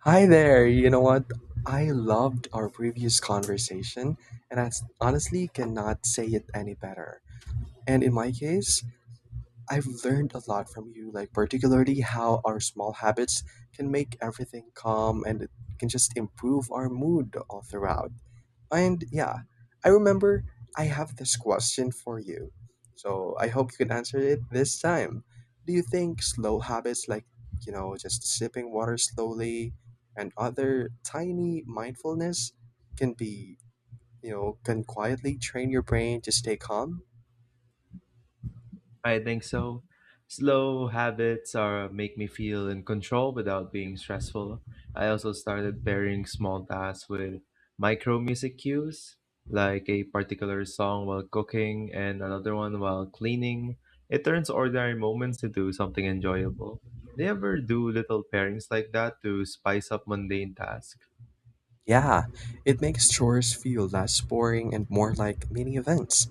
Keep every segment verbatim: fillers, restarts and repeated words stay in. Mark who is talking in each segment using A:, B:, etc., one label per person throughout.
A: Hi there. You know what? I loved our previous conversation, and I s- honestly cannot say it any better. And in my case, I've learned a lot from you, like particularly how our small habits can make everything calm and it can just improve our mood all throughout. And yeah, I remember I have this question for you. So I hope you can answer it this time. Do you think slow habits like, you know, just sipping water slowly and other tiny mindfulness can be, you know, can quietly train your brain to stay calm?
B: I think so. Slow habits are make me feel in control without being stressful. I also started pairing small tasks with micro music cues, like a particular song while cooking and another one while cleaning. It turns ordinary moments into something enjoyable. Do you ever do little pairings like that to spice up mundane tasks?
A: Yeah, it makes chores feel less boring and more like mini events.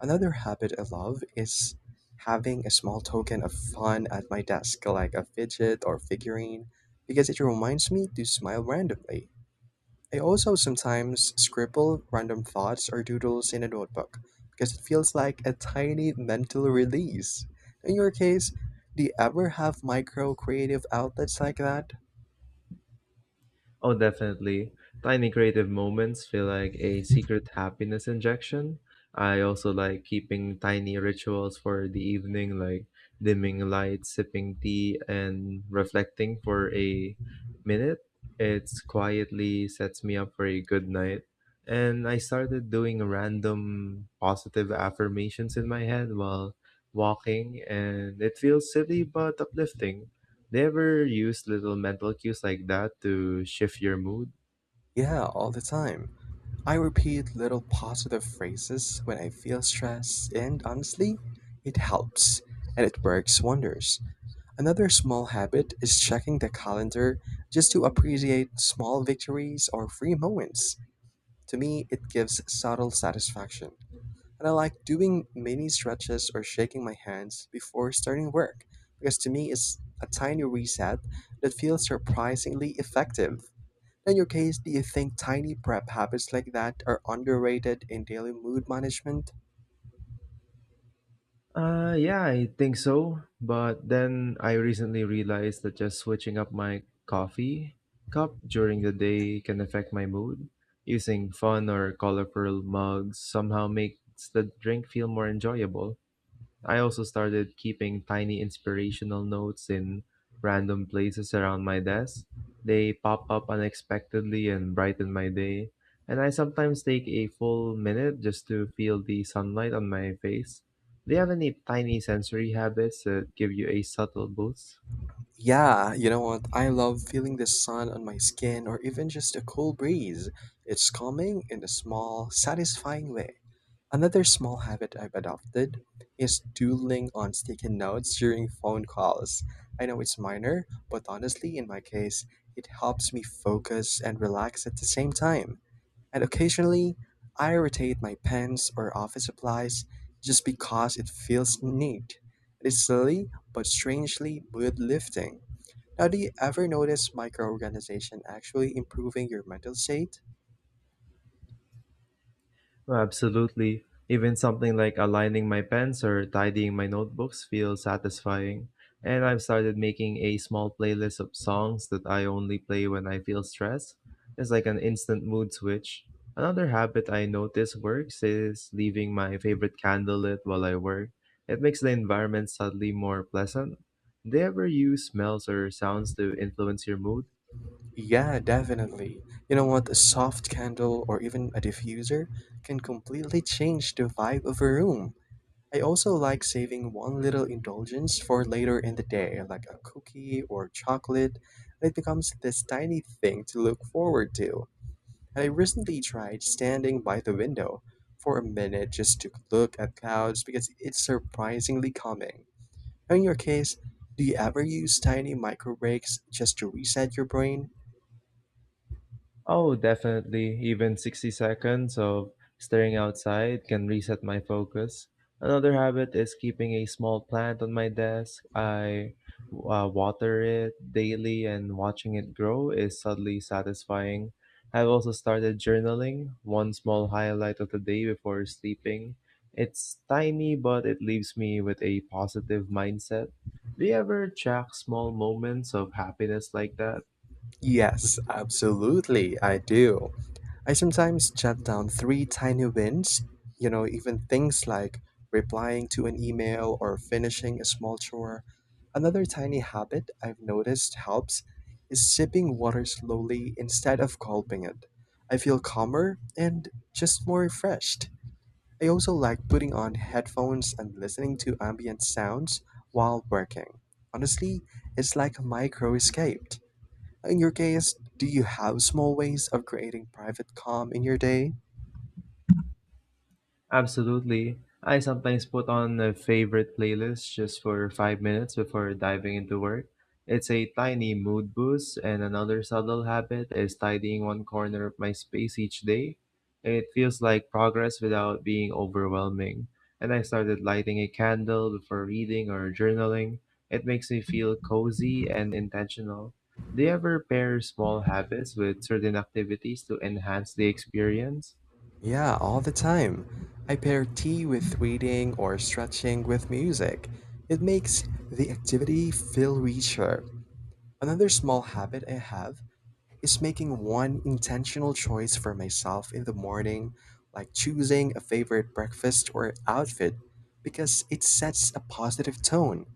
A: Another habit I love is having a small token of fun at my desk, like a fidget or figurine, because it reminds me to smile randomly. I also sometimes scribble random thoughts or doodles in a notebook because it feels like a tiny mental release. In your case, do you ever have micro creative outlets like that?
B: Oh, definitely. Tiny creative moments feel like a secret happiness injection. I also like keeping tiny rituals for the evening, like dimming lights, sipping tea, and reflecting for a minute. It's quietly sets me up for a good night. And I started doing random positive affirmations in my head while walking, and it feels silly but uplifting. Do you ever use little mental cues like that to shift your mood?
A: Yeah, all the time. I repeat little positive phrases when I feel stressed, and honestly, it helps and it works wonders. Another small habit is checking the calendar just to appreciate small victories or free moments. To me, it gives subtle satisfaction. And I like doing mini stretches or shaking my hands before starting work because to me, it's a tiny reset that feels surprisingly effective. In your case, do you think tiny prep habits like that are underrated in daily mood management?
B: Uh, yeah, I think so. But then I recently realized that just switching up my coffee cup during the day can affect my mood. Using fun or colorful mugs somehow makes the drink feel more enjoyable. I also started keeping tiny inspirational notes in random places around my desk. They pop up unexpectedly and brighten my day. And I sometimes take a full minute just to feel the sunlight on my face. Do you have any tiny sensory habits that give you a subtle boost?
A: Yeah, you know what? I love feeling the sun on my skin or even just a cool breeze. It's calming in a small, satisfying way. Another small habit I've adopted is doodling on sticky notes during phone calls. I know it's minor, but honestly, in my case, it helps me focus and relax at the same time. And occasionally, I rotate my pens or office supplies just because it feels neat. It is silly, but strangely mood lifting. Now, do you ever notice microorganization actually improving your mental state?
B: Absolutely. Even something like aligning my pens or tidying my notebooks feels satisfying. And I've started making a small playlist of songs that I only play when I feel stressed. It's like an instant mood switch. Another habit I notice works is leaving my favorite candle lit while I work. It makes the environment subtly more pleasant. Do you ever use smells or sounds to influence your mood?
A: Yeah, definitely. You know what? A soft candle or even a diffuser can completely change the vibe of a room. I also like saving one little indulgence for later in the day, like a cookie or chocolate. It becomes this tiny thing to look forward to. And I recently tried standing by the window for a minute just to look at clouds because it's surprisingly calming. In your case, do you ever use tiny micro breaks just to reset your brain?
B: Oh, definitely. Even sixty seconds of staring outside can reset my focus. Another habit is keeping a small plant on my desk. I uh, water it daily, and watching it grow is subtly satisfying. I've also started journaling, one small highlight of the day before sleeping. It's tiny, but it leaves me with a positive mindset. Do you ever track small moments of happiness like that?
A: Yes, absolutely, I do. I sometimes jot down three tiny wins, you know, even things like replying to an email or finishing a small chore. Another tiny habit I've noticed helps is sipping water slowly instead of gulping it. I feel calmer and just more refreshed. I also like putting on headphones and listening to ambient sounds while working. Honestly, it's like a micro escape. In your case, do you have small ways of creating private calm in your day?
B: Absolutely. I sometimes put on a favorite playlist just for five minutes before diving into work. It's a tiny mood boost, and another subtle habit is tidying one corner of my space each day. It feels like progress without being overwhelming. And I started lighting a candle before reading or journaling. It makes me feel cozy and intentional. Do you ever pair small habits with certain activities to enhance the experience?
A: Yeah, all the time. I pair tea with reading or stretching with music. It makes the activity feel richer. Another small habit I have is making one intentional choice for myself in the morning, like choosing a favorite breakfast or outfit, because it sets a positive tone.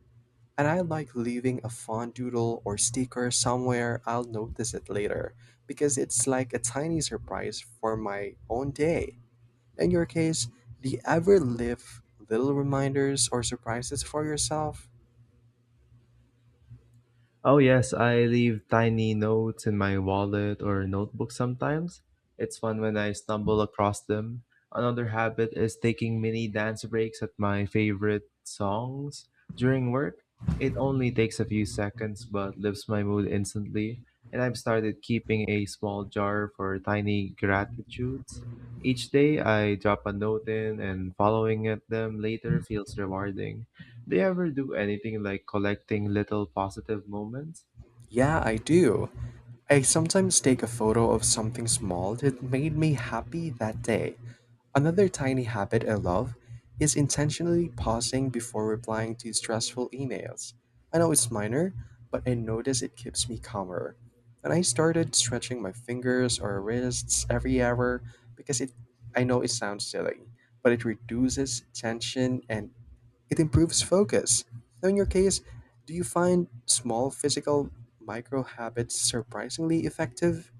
A: And I like leaving a font doodle or sticker somewhere I'll notice it later because it's like a tiny surprise for my own day. In your case, do you ever leave little reminders or surprises for yourself?
B: Oh, yes, I leave tiny notes in my wallet or notebook sometimes. It's fun when I stumble across them. Another habit is taking mini dance breaks at my favorite songs during work. It only takes a few seconds but lifts my mood instantly. And I've started keeping a small jar for tiny gratitudes. Each day I drop a note in, and following at them later feels rewarding. Do you ever do anything like collecting little positive moments?
A: Yeah, I do. I sometimes take a photo of something small that made me happy that day. Another tiny habit I love is intentionally pausing before replying to stressful emails. I know it's minor, but I notice it keeps me calmer. And I started stretching my fingers or wrists every hour because it I know it sounds silly, but it reduces tension and it improves focus. Now, in your case, do you find small physical micro habits surprisingly effective?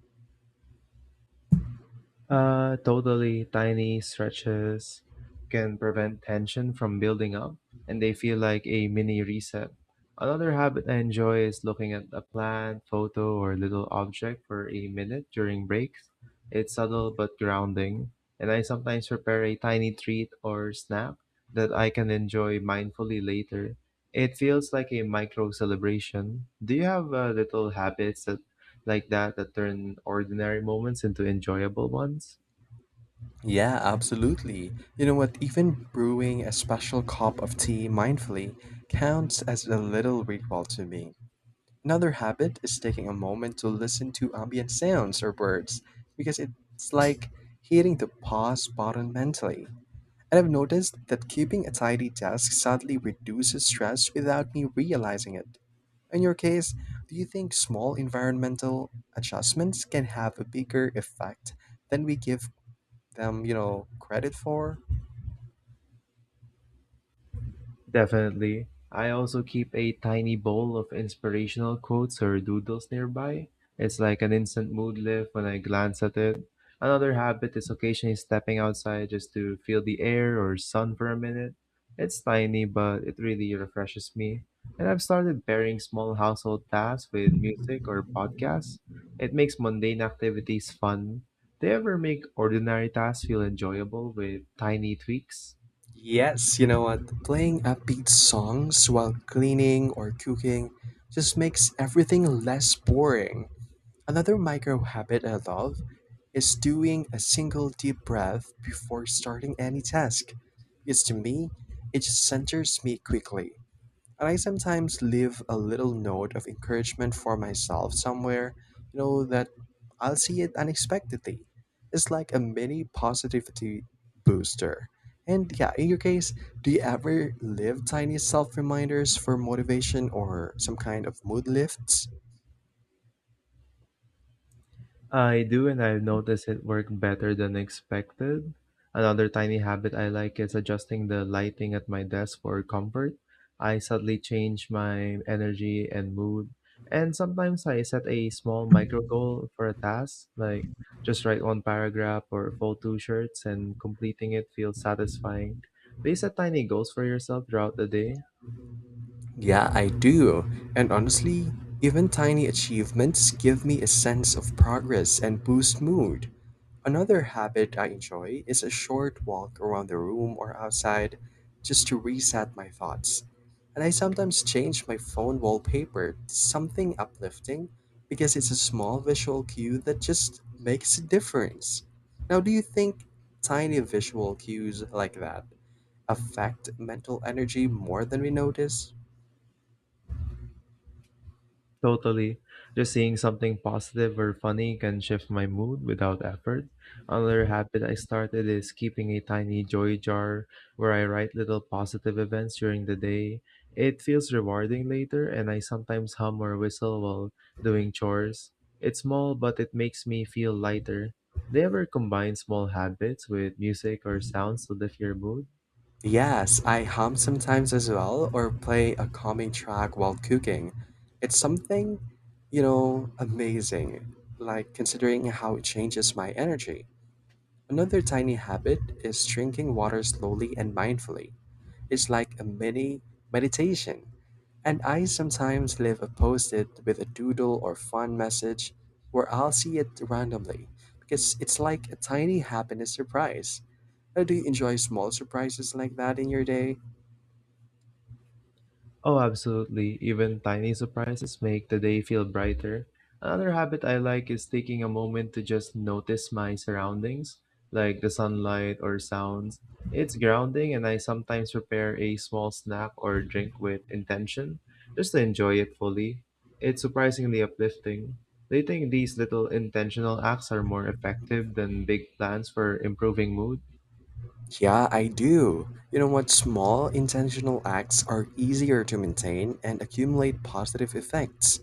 B: Uh, totally tiny stretches can prevent tension from building up, and they feel like a mini reset. Another habit I enjoy is looking at a plant, photo, or little object for a minute during breaks. It's subtle but grounding, and I sometimes prepare a tiny treat or snack that I can enjoy mindfully later. It feels like a micro celebration. Do you have uh, little habits that like that that turn ordinary moments into enjoyable ones?
A: Yeah, absolutely. You know what? Even brewing a special cup of tea mindfully counts as a little ritual to me. Another habit is taking a moment to listen to ambient sounds or birds because it's like hitting the pause button mentally. And I've noticed that keeping a tidy desk sadly reduces stress without me realizing it. In your case, do you think small environmental adjustments can have a bigger effect than we give them, you know, credit for?
B: Definitely. I also keep a tiny bowl of inspirational quotes or doodles nearby. It's like an instant mood lift when I glance at it. Another habit is occasionally stepping outside just to feel the air or sun for a minute. It's tiny, but it really refreshes me. And I've started pairing small household tasks with music or podcasts. It makes mundane activities fun. They ever make ordinary tasks feel enjoyable with tiny tweaks?
A: Yes, you know what? Playing upbeat songs while cleaning or cooking just makes everything less boring. Another micro habit I love is doing a single deep breath before starting any task. Because to me, it just centers me quickly. And I sometimes leave a little note of encouragement for myself somewhere, you know, that I'll see it unexpectedly. It's like a mini positivity booster. And yeah, in your case, do you ever leave tiny self reminders for motivation or some kind of mood lifts?
B: I do, and I've noticed it work better than expected. Another tiny habit I like is adjusting the lighting at my desk for comfort. I subtly change my energy and mood, and sometimes I set a small micro goal for a task, like just write one paragraph or fold two shirts, and completing it feels satisfying. Do you set tiny goals for yourself throughout the day?
A: Yeah, I do. And honestly, even tiny achievements give me a sense of progress and boost mood. Another habit I enjoy is a short walk around the room or outside just to reset my thoughts. And I sometimes change my phone wallpaper to something uplifting because it's a small visual cue that just makes a difference. Now, do you think tiny visual cues like that affect mental energy more than we notice?
B: Totally. Just seeing something positive or funny can shift my mood without effort. Another habit I started is keeping a tiny joy jar where I write little positive events during the day. It feels rewarding later, and I sometimes hum or whistle while doing chores. It's small, but it makes me feel lighter. Do you ever combine small habits with music or sounds to lift your mood?
A: Yes, I hum sometimes as well, or play a calming track while cooking. It's something, you know, amazing, like considering how it changes my energy. Another tiny habit is drinking water slowly and mindfully. It's like a mini meditation. And I sometimes leave a post it with a doodle or fun message where I'll see it randomly because it's like a tiny happiness surprise. Uh, do you enjoy small surprises like that in your day?
B: Oh, absolutely. Even tiny surprises make the day feel brighter. Another habit I like is taking a moment to just notice my surroundings, like the sunlight or sounds. It's grounding, and I sometimes prepare a small snack or drink with intention, just to enjoy it fully. It's surprisingly uplifting. Do you think these little intentional acts are more effective than big plans for improving mood?
A: Yeah, I do. You know what? Small intentional acts are easier to maintain and accumulate positive effects.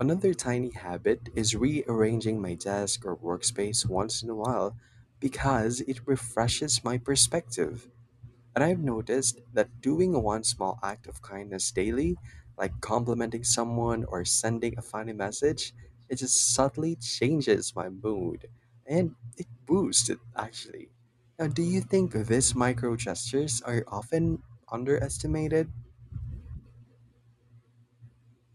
A: Another tiny habit is rearranging my desk or workspace once in a while because it refreshes my perspective. And I've noticed that doing one small act of kindness daily, like complimenting someone or sending a funny message, it just subtly changes my mood and it boosts it actually. Now, do you think these micro gestures are often underestimated?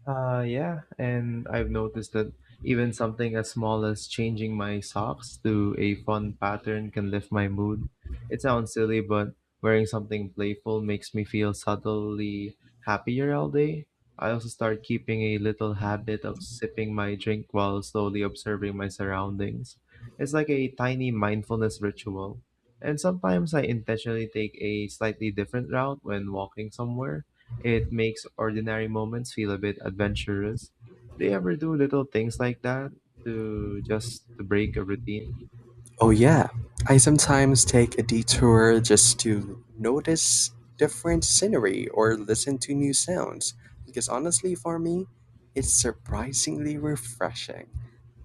B: Uh, yeah, and I've noticed that even something as small as changing my socks to a fun pattern can lift my mood. It sounds silly, but wearing something playful makes me feel subtly happier all day. I also start keeping a little habit of sipping my drink while slowly observing my surroundings. It's like a tiny mindfulness ritual. And sometimes I intentionally take a slightly different route when walking somewhere it makes ordinary moments feel a bit adventurous. Do you ever do little things like that to just to break a routine?
A: Oh yeah, I sometimes take a detour just to notice different scenery or listen to new sounds because honestly for me, it's surprisingly refreshing.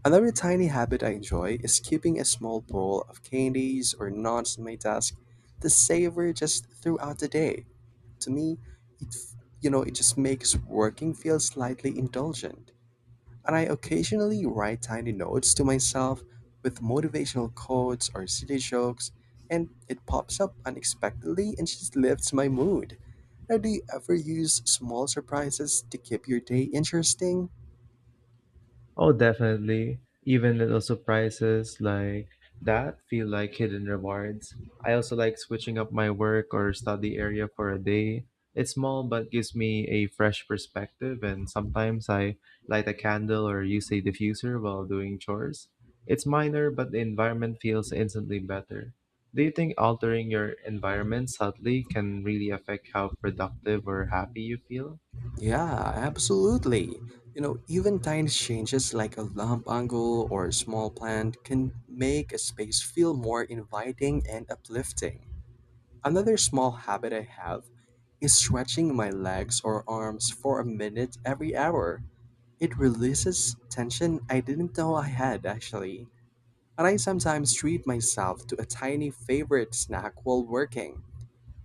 A: Another tiny habit I enjoy is keeping a small bowl of candies or nuts on my desk to savor just throughout the day. To me, it f- you know, it just makes working feel slightly indulgent and I occasionally write tiny notes to myself with motivational quotes or silly jokes, and it pops up unexpectedly and just lifts my mood. Now, do you ever use small surprises to keep your day interesting?
B: Oh, definitely. Even little surprises like that feel like hidden rewards. I also like switching up my work or study area for a day. It's small but gives me a fresh perspective, and sometimes I light a candle or use a diffuser while doing chores. It's minor, but the environment feels instantly better. Do you think altering your environment subtly can really affect how productive or happy you feel?
A: Yeah, absolutely. You know, even tiny changes like a lamp angle or a small plant can make a space feel more inviting and uplifting. Another small habit I have is stretching my legs or arms for a minute every hour. It releases tension I didn't know I had actually. And I sometimes treat myself to a tiny favorite snack while working.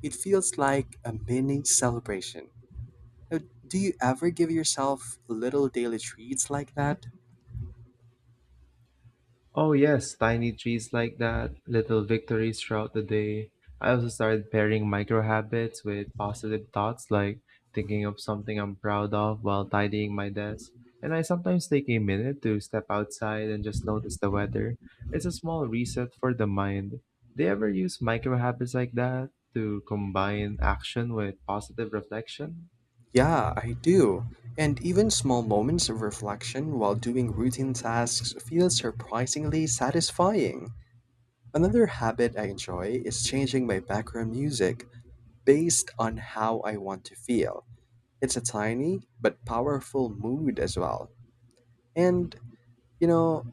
A: It feels like a mini celebration. Uh, Do you ever give yourself little daily treats like that?
B: Oh yes, tiny trees like that, little victories throughout the day. I also started pairing micro habits with positive thoughts like thinking of something I'm proud of while tidying my desk. And I sometimes take a minute to step outside and just notice the weather. It's a small reset for the mind. Do you ever use micro habits like that to combine action with positive reflection?
A: Yeah, I do. And even small moments of reflection while doing routine tasks feel surprisingly satisfying. Another habit I enjoy is changing my background music based on how I want to feel. It's a tiny but powerful mood as well. And, you know,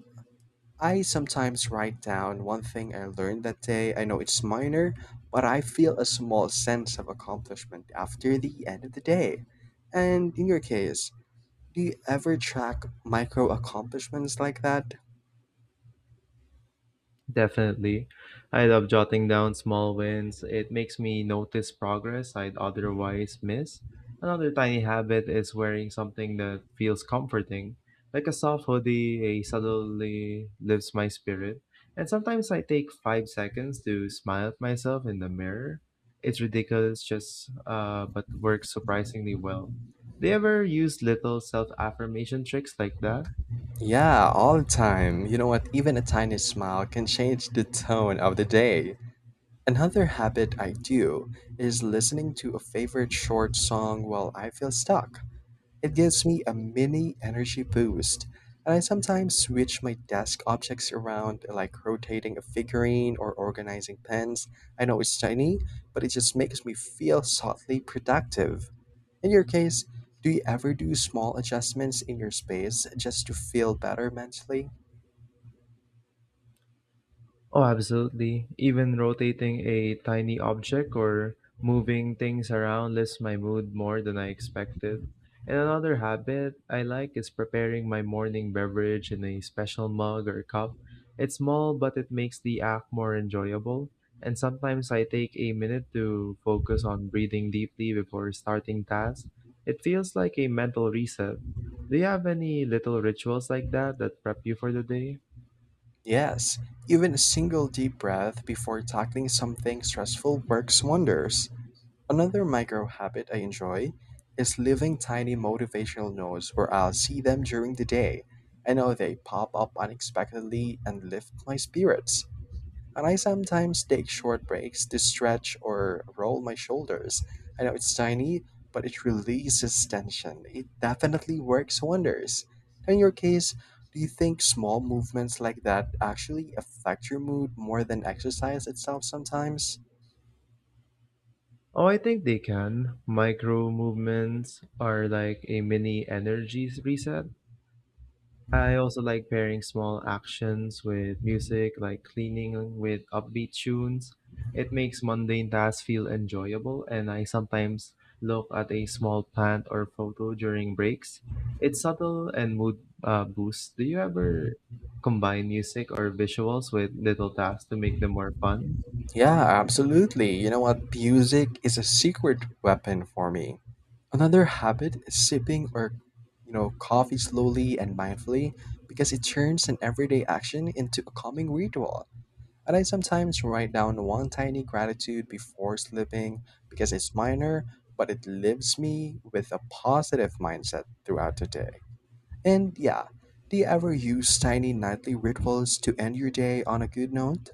A: I sometimes write down one thing I learned that day. I know it's minor, but I feel a small sense of accomplishment after the end of the day. And in your case, do you ever track micro accomplishments like that?
B: Definitely. I love jotting down small wins. It makes me notice progress I'd otherwise miss. Another tiny habit is wearing something that feels comforting, like a soft hoodie, a subtly lifts my spirit. And sometimes I take five seconds to smile at myself in the mirror. It's ridiculous, just uh, but works surprisingly well. Do you ever use little self affirmation tricks like that?
A: Yeah, all the time. You know what? Even a tiny smile can change the tone of the day. Another habit I do is listening to a favorite short song while I feel stuck. It gives me a mini energy boost, and I sometimes switch my desk objects around, like rotating a figurine or organizing pens. I know it's tiny, but it just makes me feel subtly productive. In your case, do you ever do small adjustments in your space just to feel better mentally?
B: Oh, absolutely. Even rotating a tiny object or moving things around lifts my mood more than I expected. And another habit I like is preparing my morning beverage in a special mug or cup. It's small, but it makes the act more enjoyable. And sometimes I take a minute to focus on breathing deeply before starting tasks. It feels like a mental reset. Do you have any little rituals like that that prep you for the day?
A: Yes, even a single deep breath before tackling something stressful works wonders. Another micro habit I enjoy is leaving tiny motivational notes where I'll see them during the day. I know they pop up unexpectedly and lift my spirits. And I sometimes take short breaks to stretch or roll my shoulders. I know it's tiny, but it releases tension. It definitely works wonders. In your case, do you think small movements like that actually affect your mood more than exercise itself sometimes?
B: Oh, I think they can. Micro movements are like a mini energy s- reset. I also like pairing small actions with music, like cleaning with upbeat tunes. It makes mundane tasks feel enjoyable, and I sometimes look at a small plant or photo during breaks. It's subtle and mood uh, boosts. Do you ever combine music or visuals with little tasks to make them more fun?
A: Yeah, absolutely. You know what? Music is a secret weapon for me. Another habit is sipping or, you know, coffee slowly and mindfully because it turns an everyday action into a calming ritual. And I sometimes write down one tiny gratitude before sleeping because it's minor, but it leaves me with a positive mindset throughout the day. And yeah, do you ever use tiny nightly rituals to end your day on a good note?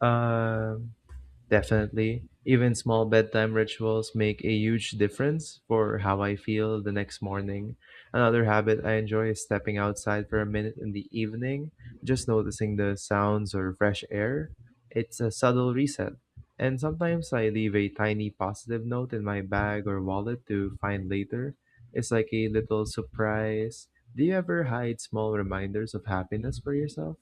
B: Um, Definitely. Even small bedtime rituals make a huge difference for how I feel the next morning. Another habit I enjoy is stepping outside for a minute in the evening, just noticing the sounds or fresh air. It's a subtle reset. And sometimes I leave a tiny positive note in my bag or wallet to find later. It's like a little surprise. Do you ever hide small reminders of happiness for yourself?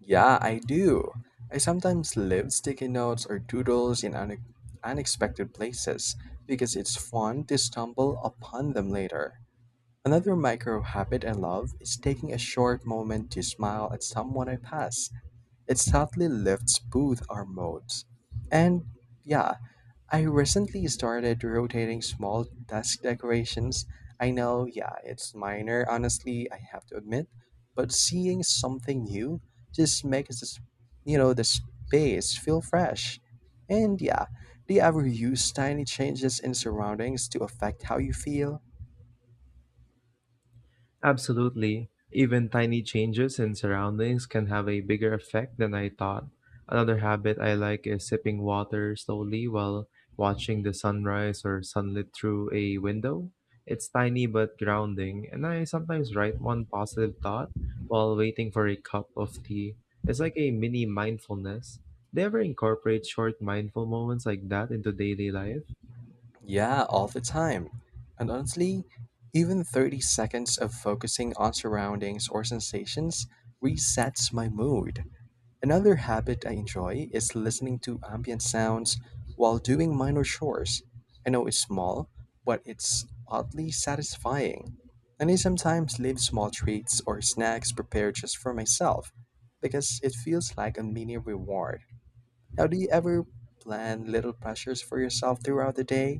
A: Yeah, I do. I sometimes leave sticky notes or doodles in une- unexpected places because it's fun to stumble upon them later. Another micro habit I love is taking a short moment to smile at someone I pass. It subtly lifts both our modes. And yeah, I recently started rotating small desk decorations. I know, yeah, it's minor, honestly, I have to admit, but seeing something new just makes this, you know, the space feel fresh. And yeah, do you ever use tiny changes in surroundings to affect how you feel?
B: Absolutely. Even tiny changes in surroundings can have a bigger effect than I thought. Another habit I like is sipping water slowly while watching the sunrise or sunlit through a window. It's tiny but grounding, and I sometimes write one positive thought while waiting for a cup of tea. It's like a mini mindfulness. Do you ever incorporate short mindful moments like that into daily life?
A: Yeah, all the time. And honestly, even thirty seconds of focusing on surroundings or sensations resets my mood. Another habit I enjoy is listening to ambient sounds while doing minor chores. I know it's small, but it's oddly satisfying. And I sometimes leave small treats or snacks prepared just for myself because it feels like a mini reward. Now, do you ever plan little pleasures for yourself throughout the day?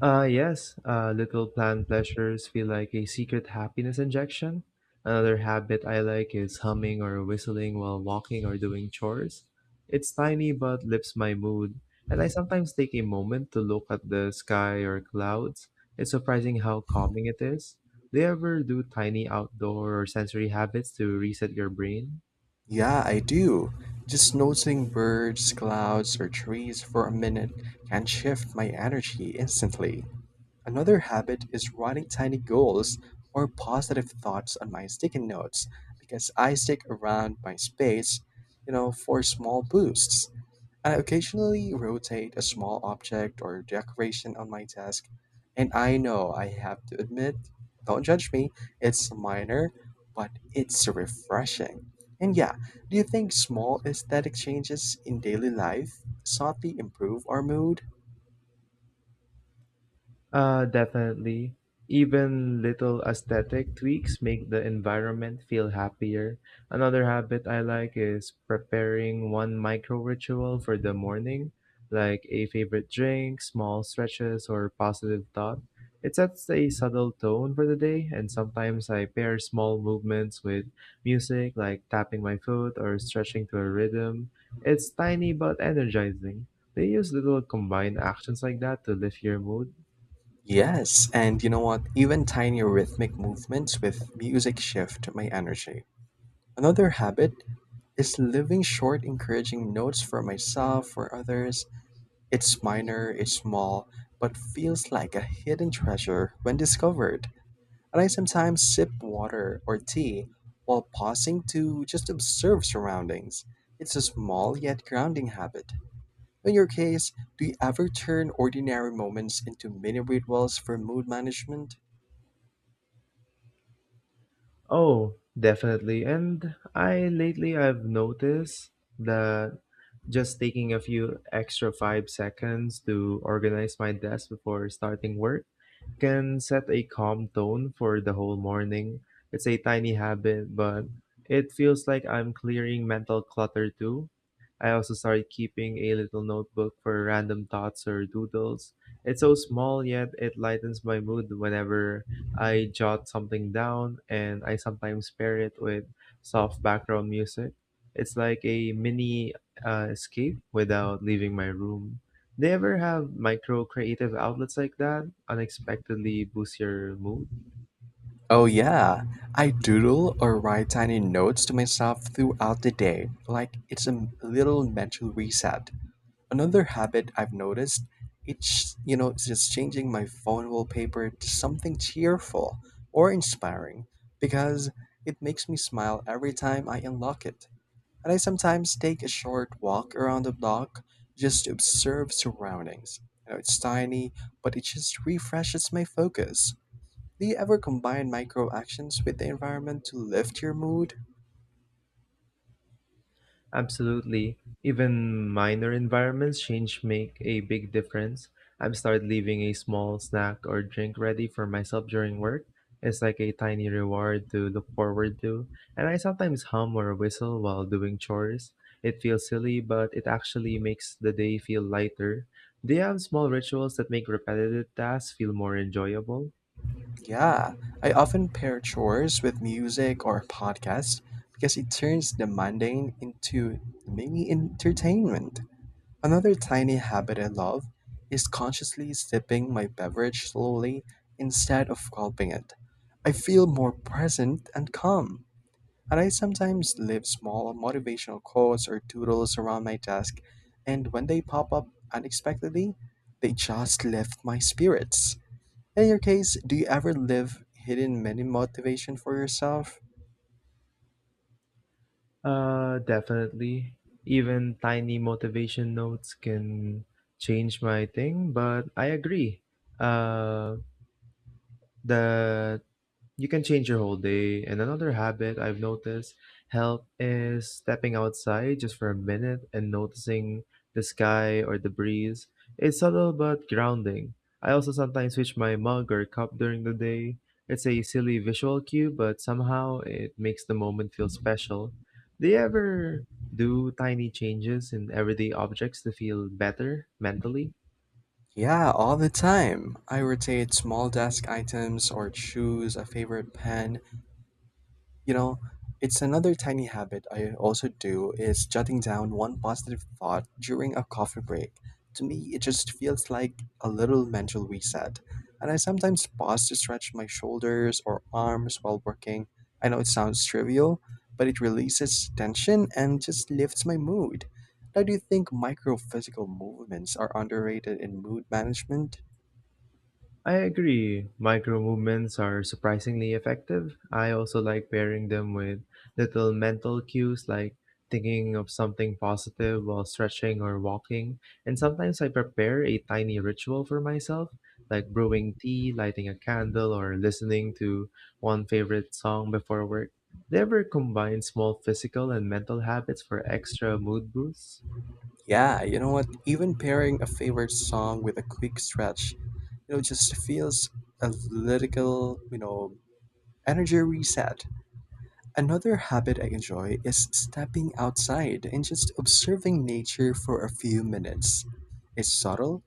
B: Uh, yes, uh, little planned pleasures feel like a secret happiness injection. Another habit I like is humming or whistling while walking or doing chores. It's tiny but lifts my mood, and I sometimes take a moment to look at the sky or clouds. It's surprising how calming it is. Do you ever do tiny outdoor or sensory habits to reset your brain?
A: Yeah, I do. Just noticing birds, clouds, or trees for a minute can shift my energy instantly. Another habit is writing tiny goals or positive thoughts on my sticky notes because I stick around my space, you know, for small boosts. I occasionally rotate a small object or decoration on my desk, and I know I have to admit, don't judge me, it's minor, but it's refreshing. And yeah, do you think small aesthetic changes in daily life subtly improve our mood?
B: Uh, definitely. Even little aesthetic tweaks make the environment feel happier. Another habit I like is preparing one micro ritual for the morning, like a favorite drink, small stretches, or positive thought. It sets a subtle tone for the day, and sometimes I pair small movements with music, like tapping my foot or stretching to a rhythm. It's tiny but energizing. They use little combined actions like that to lift your mood.
A: Yes, and you know what? Even tiny rhythmic movements with music shift my energy. Another habit is living short, encouraging notes for myself, for others. It's minor, it's small, but feels like a hidden treasure when discovered. And I sometimes sip water or tea while pausing to just observe surroundings. It's a small yet grounding habit. In your case, do you ever turn ordinary moments into mini rituals for mood management?
B: Oh, definitely. And I lately I've noticed that just taking a few extra five seconds to organize my desk before starting work can set a calm tone for the whole morning. It's a tiny habit, but it feels like I'm clearing mental clutter too. I also started keeping a little notebook for random thoughts or doodles. It's so small, yet it lightens my mood whenever I jot something down, and I sometimes pair it with soft background music. It's like a mini uh, escape without leaving my room. Do you ever have micro creative outlets like that? Unexpectedly boost your mood?
A: Oh, yeah. I doodle or write tiny notes to myself throughout the day, like it's a little mental reset. Another habit I've noticed, it's you know, it's just changing my phone wallpaper to something cheerful or inspiring because it makes me smile every time I unlock it. And I sometimes take a short walk around the block just to observe surroundings. You know, it's tiny, but it just refreshes my focus. Do you ever combine micro actions with the environment to lift your mood?
B: Absolutely. Even minor environments change make a big difference. I've started leaving a small snack or drink ready for myself during work. It's like a tiny reward to look forward to. And I sometimes hum or whistle while doing chores. It feels silly, but it actually makes the day feel lighter. Do you have small rituals that make repetitive tasks feel more enjoyable?
A: Yeah, I often pair chores with music or podcasts because it turns the mundane into mini entertainment. Another tiny habit I love is consciously sipping my beverage slowly instead of gulping it. I feel more present and calm, and I sometimes leave small motivational quotes or doodles around my desk, and when they pop up unexpectedly, they just lift my spirits. In your case, do you ever live hidden mini motivation for yourself?
B: Uh, definitely. Even tiny motivation notes can change my thing, but I agree. Uh, the you can change your whole day. And another habit I've noticed help is stepping outside just for a minute and noticing the sky or the breeze. It's subtle but grounding. I also sometimes switch my mug or cup during the day. It's a silly visual cue, but somehow it makes the moment feel special. Do you ever do tiny changes in everyday objects to feel better mentally?
A: Yeah, all the time. I rotate small desk items or choose a favorite pen. You know, it's another tiny habit I also do is jotting down one positive thought during a coffee break. To me, it just feels like a little mental reset. And I sometimes pause to stretch my shoulders or arms while working. I know it sounds trivial, but it releases tension and just lifts my mood. Now, do you think micro physical movements are underrated in mood management?
B: I agree. Micro movements are surprisingly effective. I also like pairing them with little mental cues like thinking of something positive while stretching or walking. And sometimes I prepare a tiny ritual for myself, like brewing tea, lighting a candle, or listening to one favorite song before work. They ever combine small physical and mental habits for extra mood boosts?
A: Yeah, you know what? Even pairing a favorite song with a quick stretch you know, just feels a little, you know, energy reset. Another habit I enjoy is stepping outside and just observing nature for a few minutes. It's subtle,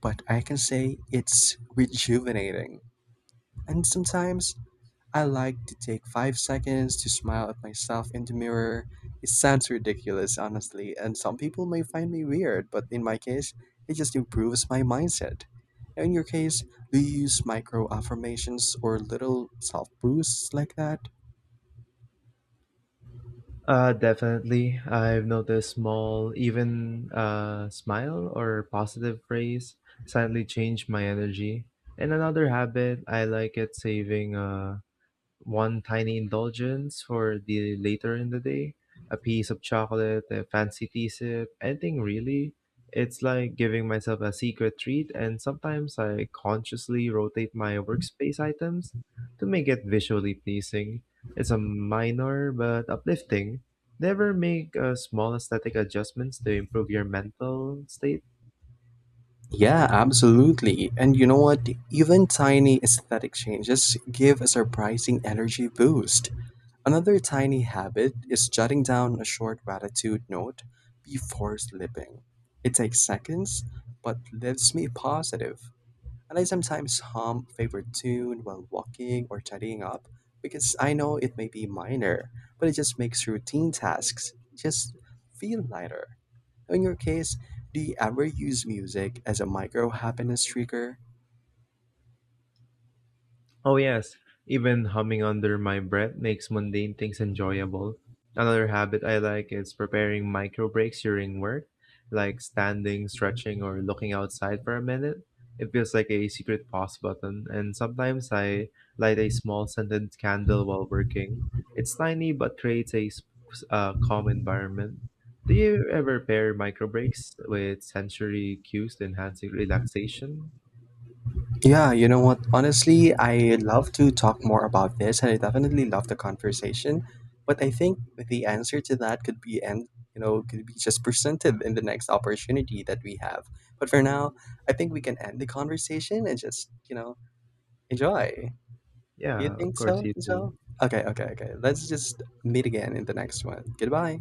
A: but I can say it's rejuvenating. And sometimes I like to take five seconds to smile at myself in the mirror. It sounds ridiculous, honestly, and some people may find me weird, but in my case, it just improves my mindset. Now, in your case, do you use micro affirmations or little self boosts like that?
B: Uh, definitely. I've noticed small, even uh, smile or positive phrase suddenly change my energy. And another habit I like it saving uh, one tiny indulgence for the later in the day, a piece of chocolate, a fancy tea sip, anything really. It's like giving myself a secret treat, and sometimes I consciously rotate my workspace items to make it visually pleasing. It's a minor but uplifting. Never make uh, small aesthetic adjustments to improve your mental state.
A: Yeah, absolutely. And you know what? Even tiny aesthetic changes give a surprising energy boost. Another tiny habit is jotting down a short gratitude note before sleeping. It takes seconds, but leaves me positive. And I sometimes hum a favorite tune while walking or tidying up because I know it may be minor, but it just makes routine tasks just feel lighter. In your case, do you ever use music as a micro happiness trigger?
B: Oh, yes. Even humming under my breath makes mundane things enjoyable. Another habit I like is preparing micro breaks during work, like standing, stretching, or looking outside for a minute. It feels like a secret pause button, and sometimes I light a small scented candle while working. It's tiny but creates a s- uh, calm environment. Do you ever pair micro breaks with sensory cues to enhance relaxation?
A: Yeah, you know what? Honestly, I love to talk more about this, and I definitely love the conversation. But I think the answer to that could be, and you know, could be just presented in the next opportunity that we have. But for now, I think we can end the conversation and just, you know, enjoy. Do you
B: Yeah, of
A: think
B: course
A: so
B: you
A: as well?
B: do.
A: Okay, okay, okay. Let's just meet again in the next one. Goodbye.